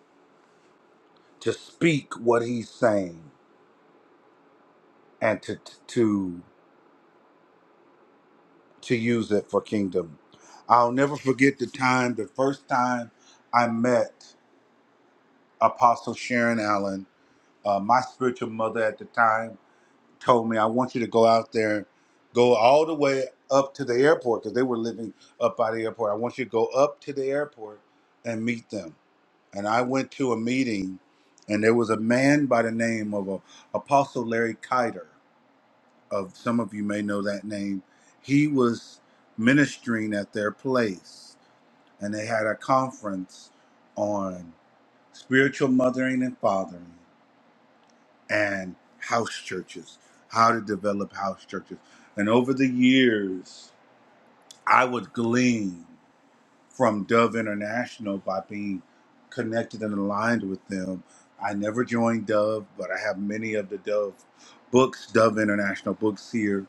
to speak what he's saying, and to to to use it for kingdom. I'll never forget the time, the first time I met Apostle Sharon Allen, uh, my spiritual mother at the time. told me, I want you to go out there, go all the way up to the airport because they were living up by the airport. I want you to go up to the airport and meet them. And I went to a meeting, and there was a man by the name of uh, Apostle Larry Kiter. Of some of you may know that name. He was ministering at their place, and they had a conference on spiritual mothering and fathering and house churches, how to develop house churches. And over the years, I would glean from Dove International by being connected and aligned with them. I never joined Dove, but I have many of the Dove books, Dove International books here,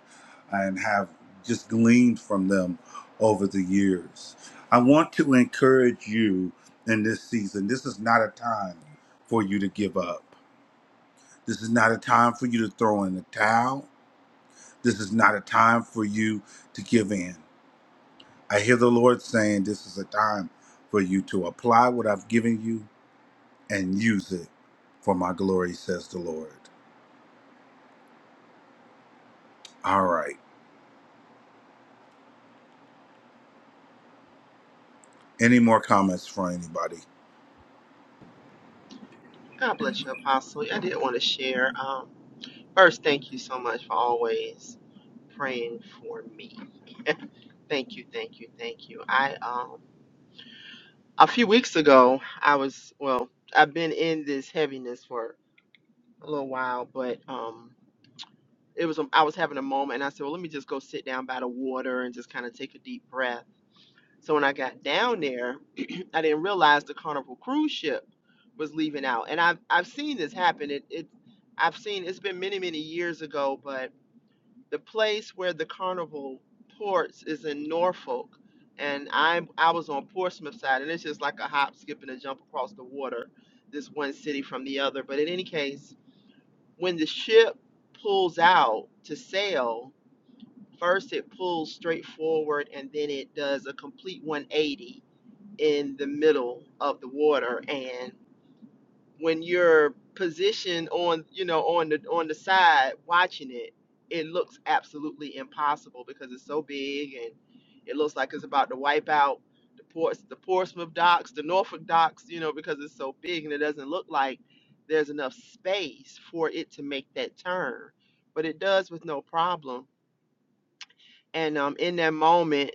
and have just gleaned from them over the years. I want to encourage you in this season. This is not a time for you to give up. This is not a time for you to throw in the towel. This is not a time for you to give in. I hear the Lord saying this is a time for you to apply what I've given you and use it for my glory, says the Lord. All right. Any more comments from anybody?
God bless you, Apostle. I did want to share. Um, first, thank you so much for always praying for me. Thank you, thank you, thank you. I um a few weeks ago, I was well, I've been in this heaviness for. a little while, but um, it was a, I was having a moment, and I said, "Well, let me just go sit down by the water and just kind of take a deep breath." So when I got down there, I didn't realize the Carnival cruise ship was leaving out, and I've I've seen this happen. It it I've seen it's been many many years ago, but the place where the Carnival ports is in Norfolk, and I I was on Portsmouth side, and it's just like a hop, skip, and a jump across the water, this one city from the other. But in any case when the ship pulls out to sail, first it pulls straight forward and then it does a complete 180 in the middle of the water. and when you're positioned on you know on the on the side watching it it looks absolutely impossible because it's so big and it looks like it's about to wipe out the ports the portsmouth docks the norfolk docks you know because it's so big and it doesn't look like there's enough space for it to make that turn but it does with no problem and um in that moment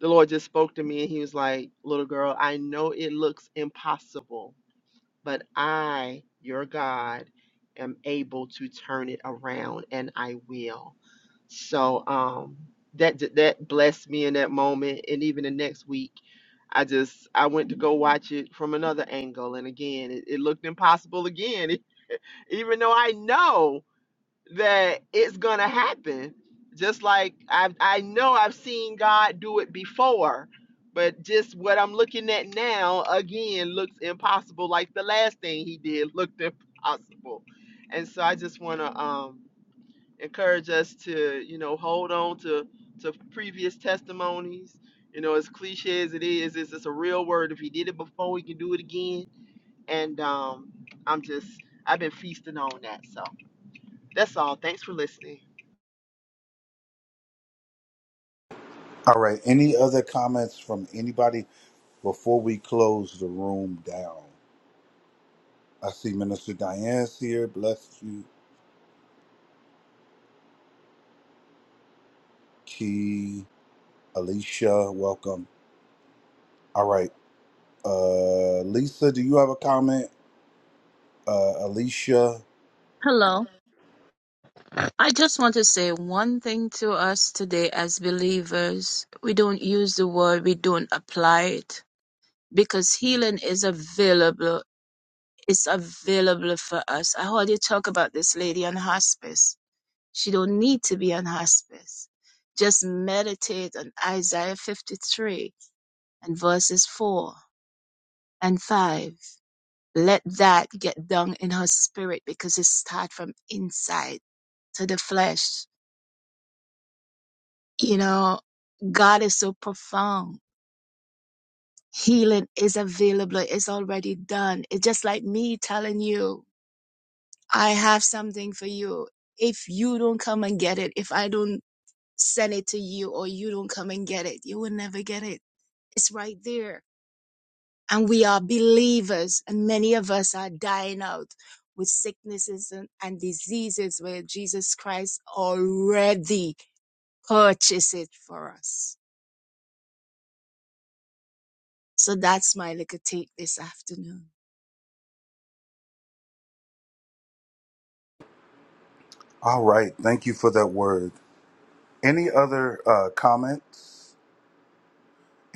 the lord just spoke to me and he was like little girl i know it looks impossible but I, your God, am able to turn it around and I will. So um that that blessed me in that moment and even the next week I just I went to go watch it from another angle and again it, it looked impossible again even though I know that it's gonna happen. Just like I I know I've seen God do it before, but just what I'm looking at now again looks impossible. Like the last thing he did looked impossible, and so I just want to um, encourage us to you know hold on to to previous testimonies. You know, as cliche as it is, it's just a real word. If he did it before, he can do it again. And um, I'm just I've been feasting on that. So that's all. Thanks for listening.
All right. Any other comments from anybody before we close the room down? I see Minister Diane's here. Bless you. Key, Alicia, welcome. All right. Uh, Lisa, do you have a comment? Uh, Alicia.
Hello. I just want to say one thing to us today as believers. We don't use the word, we don't apply it because healing is available. It's available for us. I heard you talk about this lady on hospice. She don't need to be on hospice. Just meditate on Isaiah 53 and verses 4 and 5. Let that get down in her spirit because it starts from inside to the flesh You know, God is so profound. Healing is available. It's already done. It's just like me telling you, I have something for you. If you don't come and get it, if I don't send it to you or you don't come and get it, you will never get it. It's right there. And we are believers and many of us are dying out with sicknesses and, and diseases where Jesus Christ already purchased it for us. So that's my little take this afternoon.
All right. Thank you for that word. Any other uh, comments?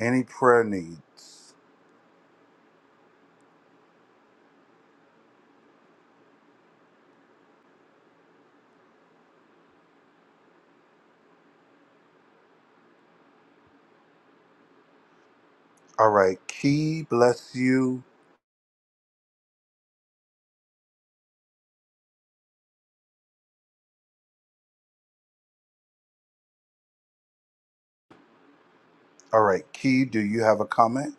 Any prayer needs? All right. Key, bless you. All right. Key, do you have a comment?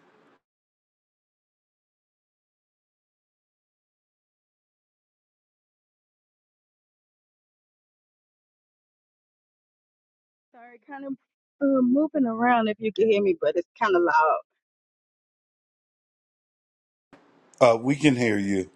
Sorry, kind of uh, moving around if you can hear me, but it's kind of loud.
Uh, we can hear you.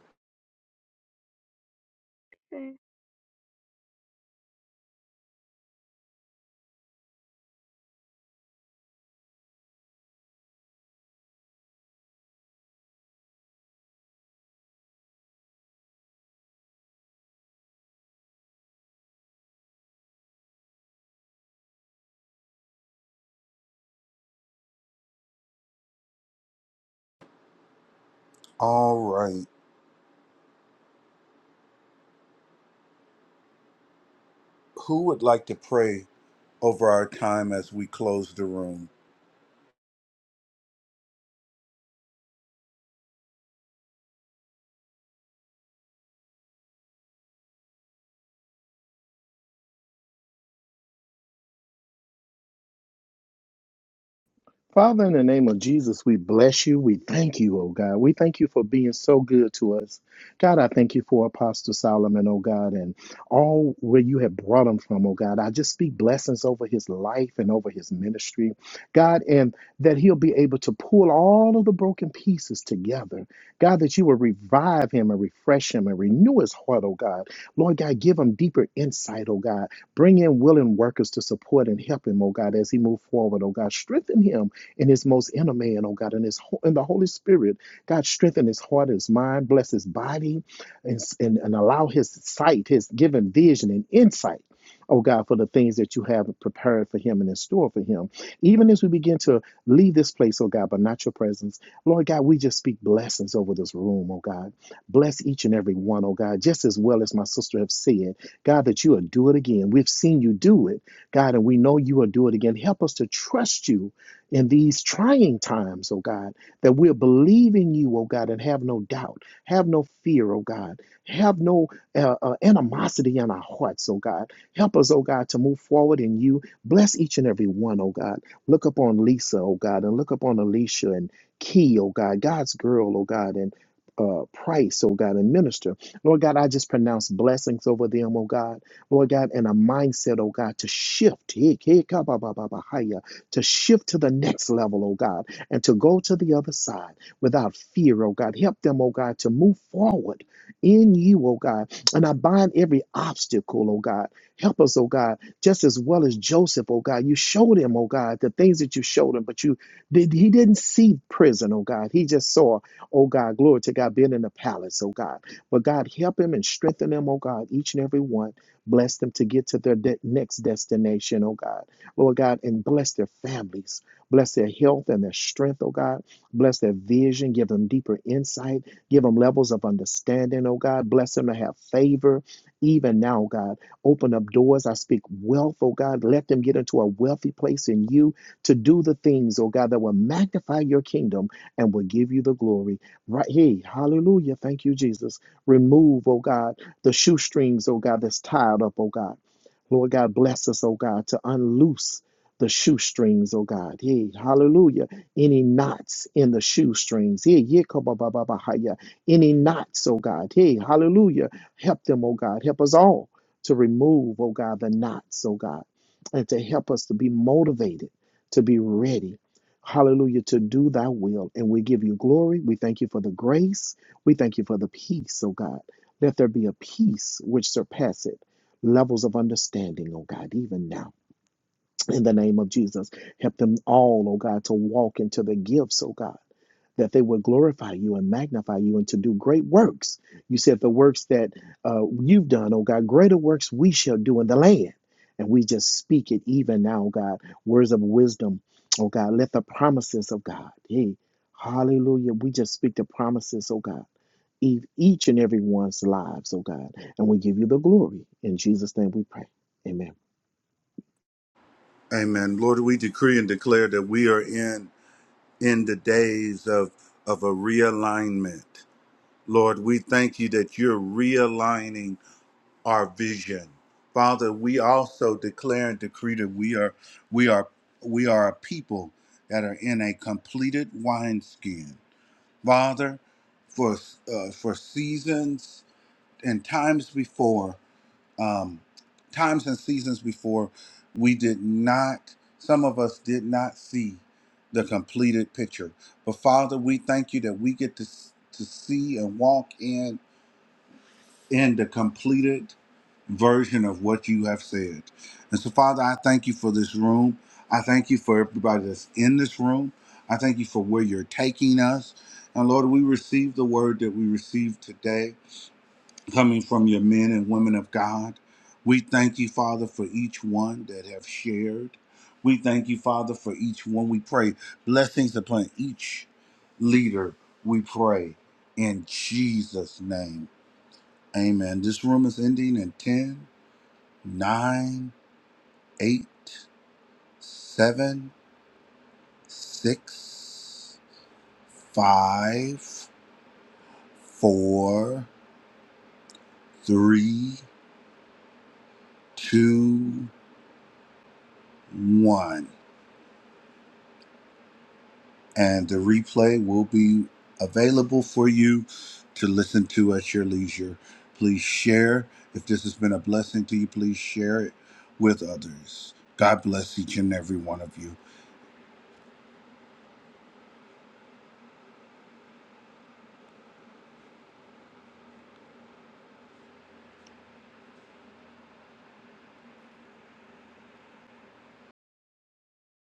All right. Who would like to pray over our time as we close the room?
Father, in the name of Jesus, we bless you. We thank you, oh God. We thank you for being so good to us. God, I thank you for Apostle Solomon, oh God, and all where you have brought him from, oh God. I just speak blessings over his life and over his ministry, God, and that he'll be able to pull all of the broken pieces together. God, that you will revive him and refresh him and renew his heart, oh God. Lord God, give him deeper insight, oh God. Bring in willing workers to support and help him, oh God, as he move forward, oh God. Strengthen him in his most inner man, oh God, in his ho- in the Holy Spirit. God, strengthen his heart, his mind, bless his body, and, and, and allow his sight, his given vision and insight. Oh God, for the things that you have prepared for him and in store for him. Even as we begin to leave this place, oh God, but not your presence, Lord God, we just speak blessings over this room, oh God. Bless each and every one, oh God, just as well as my sister have said, God, that you will do it again. We've seen you do it, God, and we know you will do it again. Help us to trust you in these trying times, oh God, that we'll believe in you, oh God, and have no doubt, have no fear, oh God, have no uh, uh, animosity in our hearts, oh God. Help us, oh God, to move forward in you. Bless each and every one, oh God. Look upon Lisa, oh God, and look upon Alicia and Key, oh God, God's girl, oh God, and uh, Price, oh God, and minister. Lord God, I just pronounce blessings over them, oh God. Lord God, and a mindset, oh God, to shift to shift to the next level, oh God, and to go to the other side without fear, oh God. Help them, oh God, to move forward in you, oh God. And I bind every obstacle, oh God. Help us, oh God, just as well as Joseph, oh God. You showed him, oh God, the things that you showed him, but you did he didn't see prison, oh God. He just saw, oh God, glory to God, being in the palace, oh God. But God, help him and strengthen him, oh God, each and every one. Bless them to get to their de- next destination, oh God. Lord God, and bless their families. Bless their health and their strength, oh God. Bless their vision. Give them deeper insight. Give them levels of understanding, oh God. Bless them to have favor even now, God. Open up doors. I speak wealth, oh God. Let them get into a wealthy place in you to do the things, oh God, that will magnify your kingdom and will give you the glory. Right here. Hallelujah. Thank you, Jesus. Remove, oh God, the shoestrings, oh God, that's tied up, oh God. Lord God, bless us, oh God, to unloose the shoestrings, oh God. Yea, hallelujah. Any knots in the shoestrings. Yea, yea, kabababahaya. Any knots, oh God. Yea, hallelujah. Help them, oh God. Help us all to remove, oh God, the knots, oh God, and to help us to be motivated, to be ready. Hallelujah, to do thy will. And we give you glory. We thank you for the grace. We thank you for the peace, oh God. Let there be a peace which surpasseth levels of understanding, oh God, even now in the name of Jesus. Help them all, oh God, to walk into the gifts, oh God, that they would glorify you and magnify you and to do great works. You said the works that uh, you've done, oh God, greater works we shall do in the land. And we just speak it even now, oh God, words of wisdom, oh God, let the promises of God, hey, hallelujah, we just speak the promises, oh God. in Each and every one's lives, oh God, and we give you the glory. In Jesus' name we pray. Amen.
Amen. Lord, we decree and declare that we are in in the days of of a realignment. Lord, we thank you that you're realigning our vision. Father, we also declare and decree that we are we are we are a people that are in a completed wineskin. Father, for uh, for seasons and times before, um, times and seasons before, we did not. Some of us did not see the completed picture. But Father, we thank you that we get to s- to see and walk in in the completed version of what you have said. And so, Father, I thank you for this room. I thank you for everybody that's in this room. I thank you for where you're taking us. And Lord, we receive the word that we received today coming from your men and women of God. We thank you, Father, for each one that have shared. We thank you, Father, for each one. We pray blessings upon each leader. We pray in Jesus' name. Amen. This room is ending in ten, nine, eight, seven, six, five, four, three, two, one. And the replay will be available for you to listen to at your leisure. Please share. If this has been a blessing to you, please share it with others. God bless each and every one of you.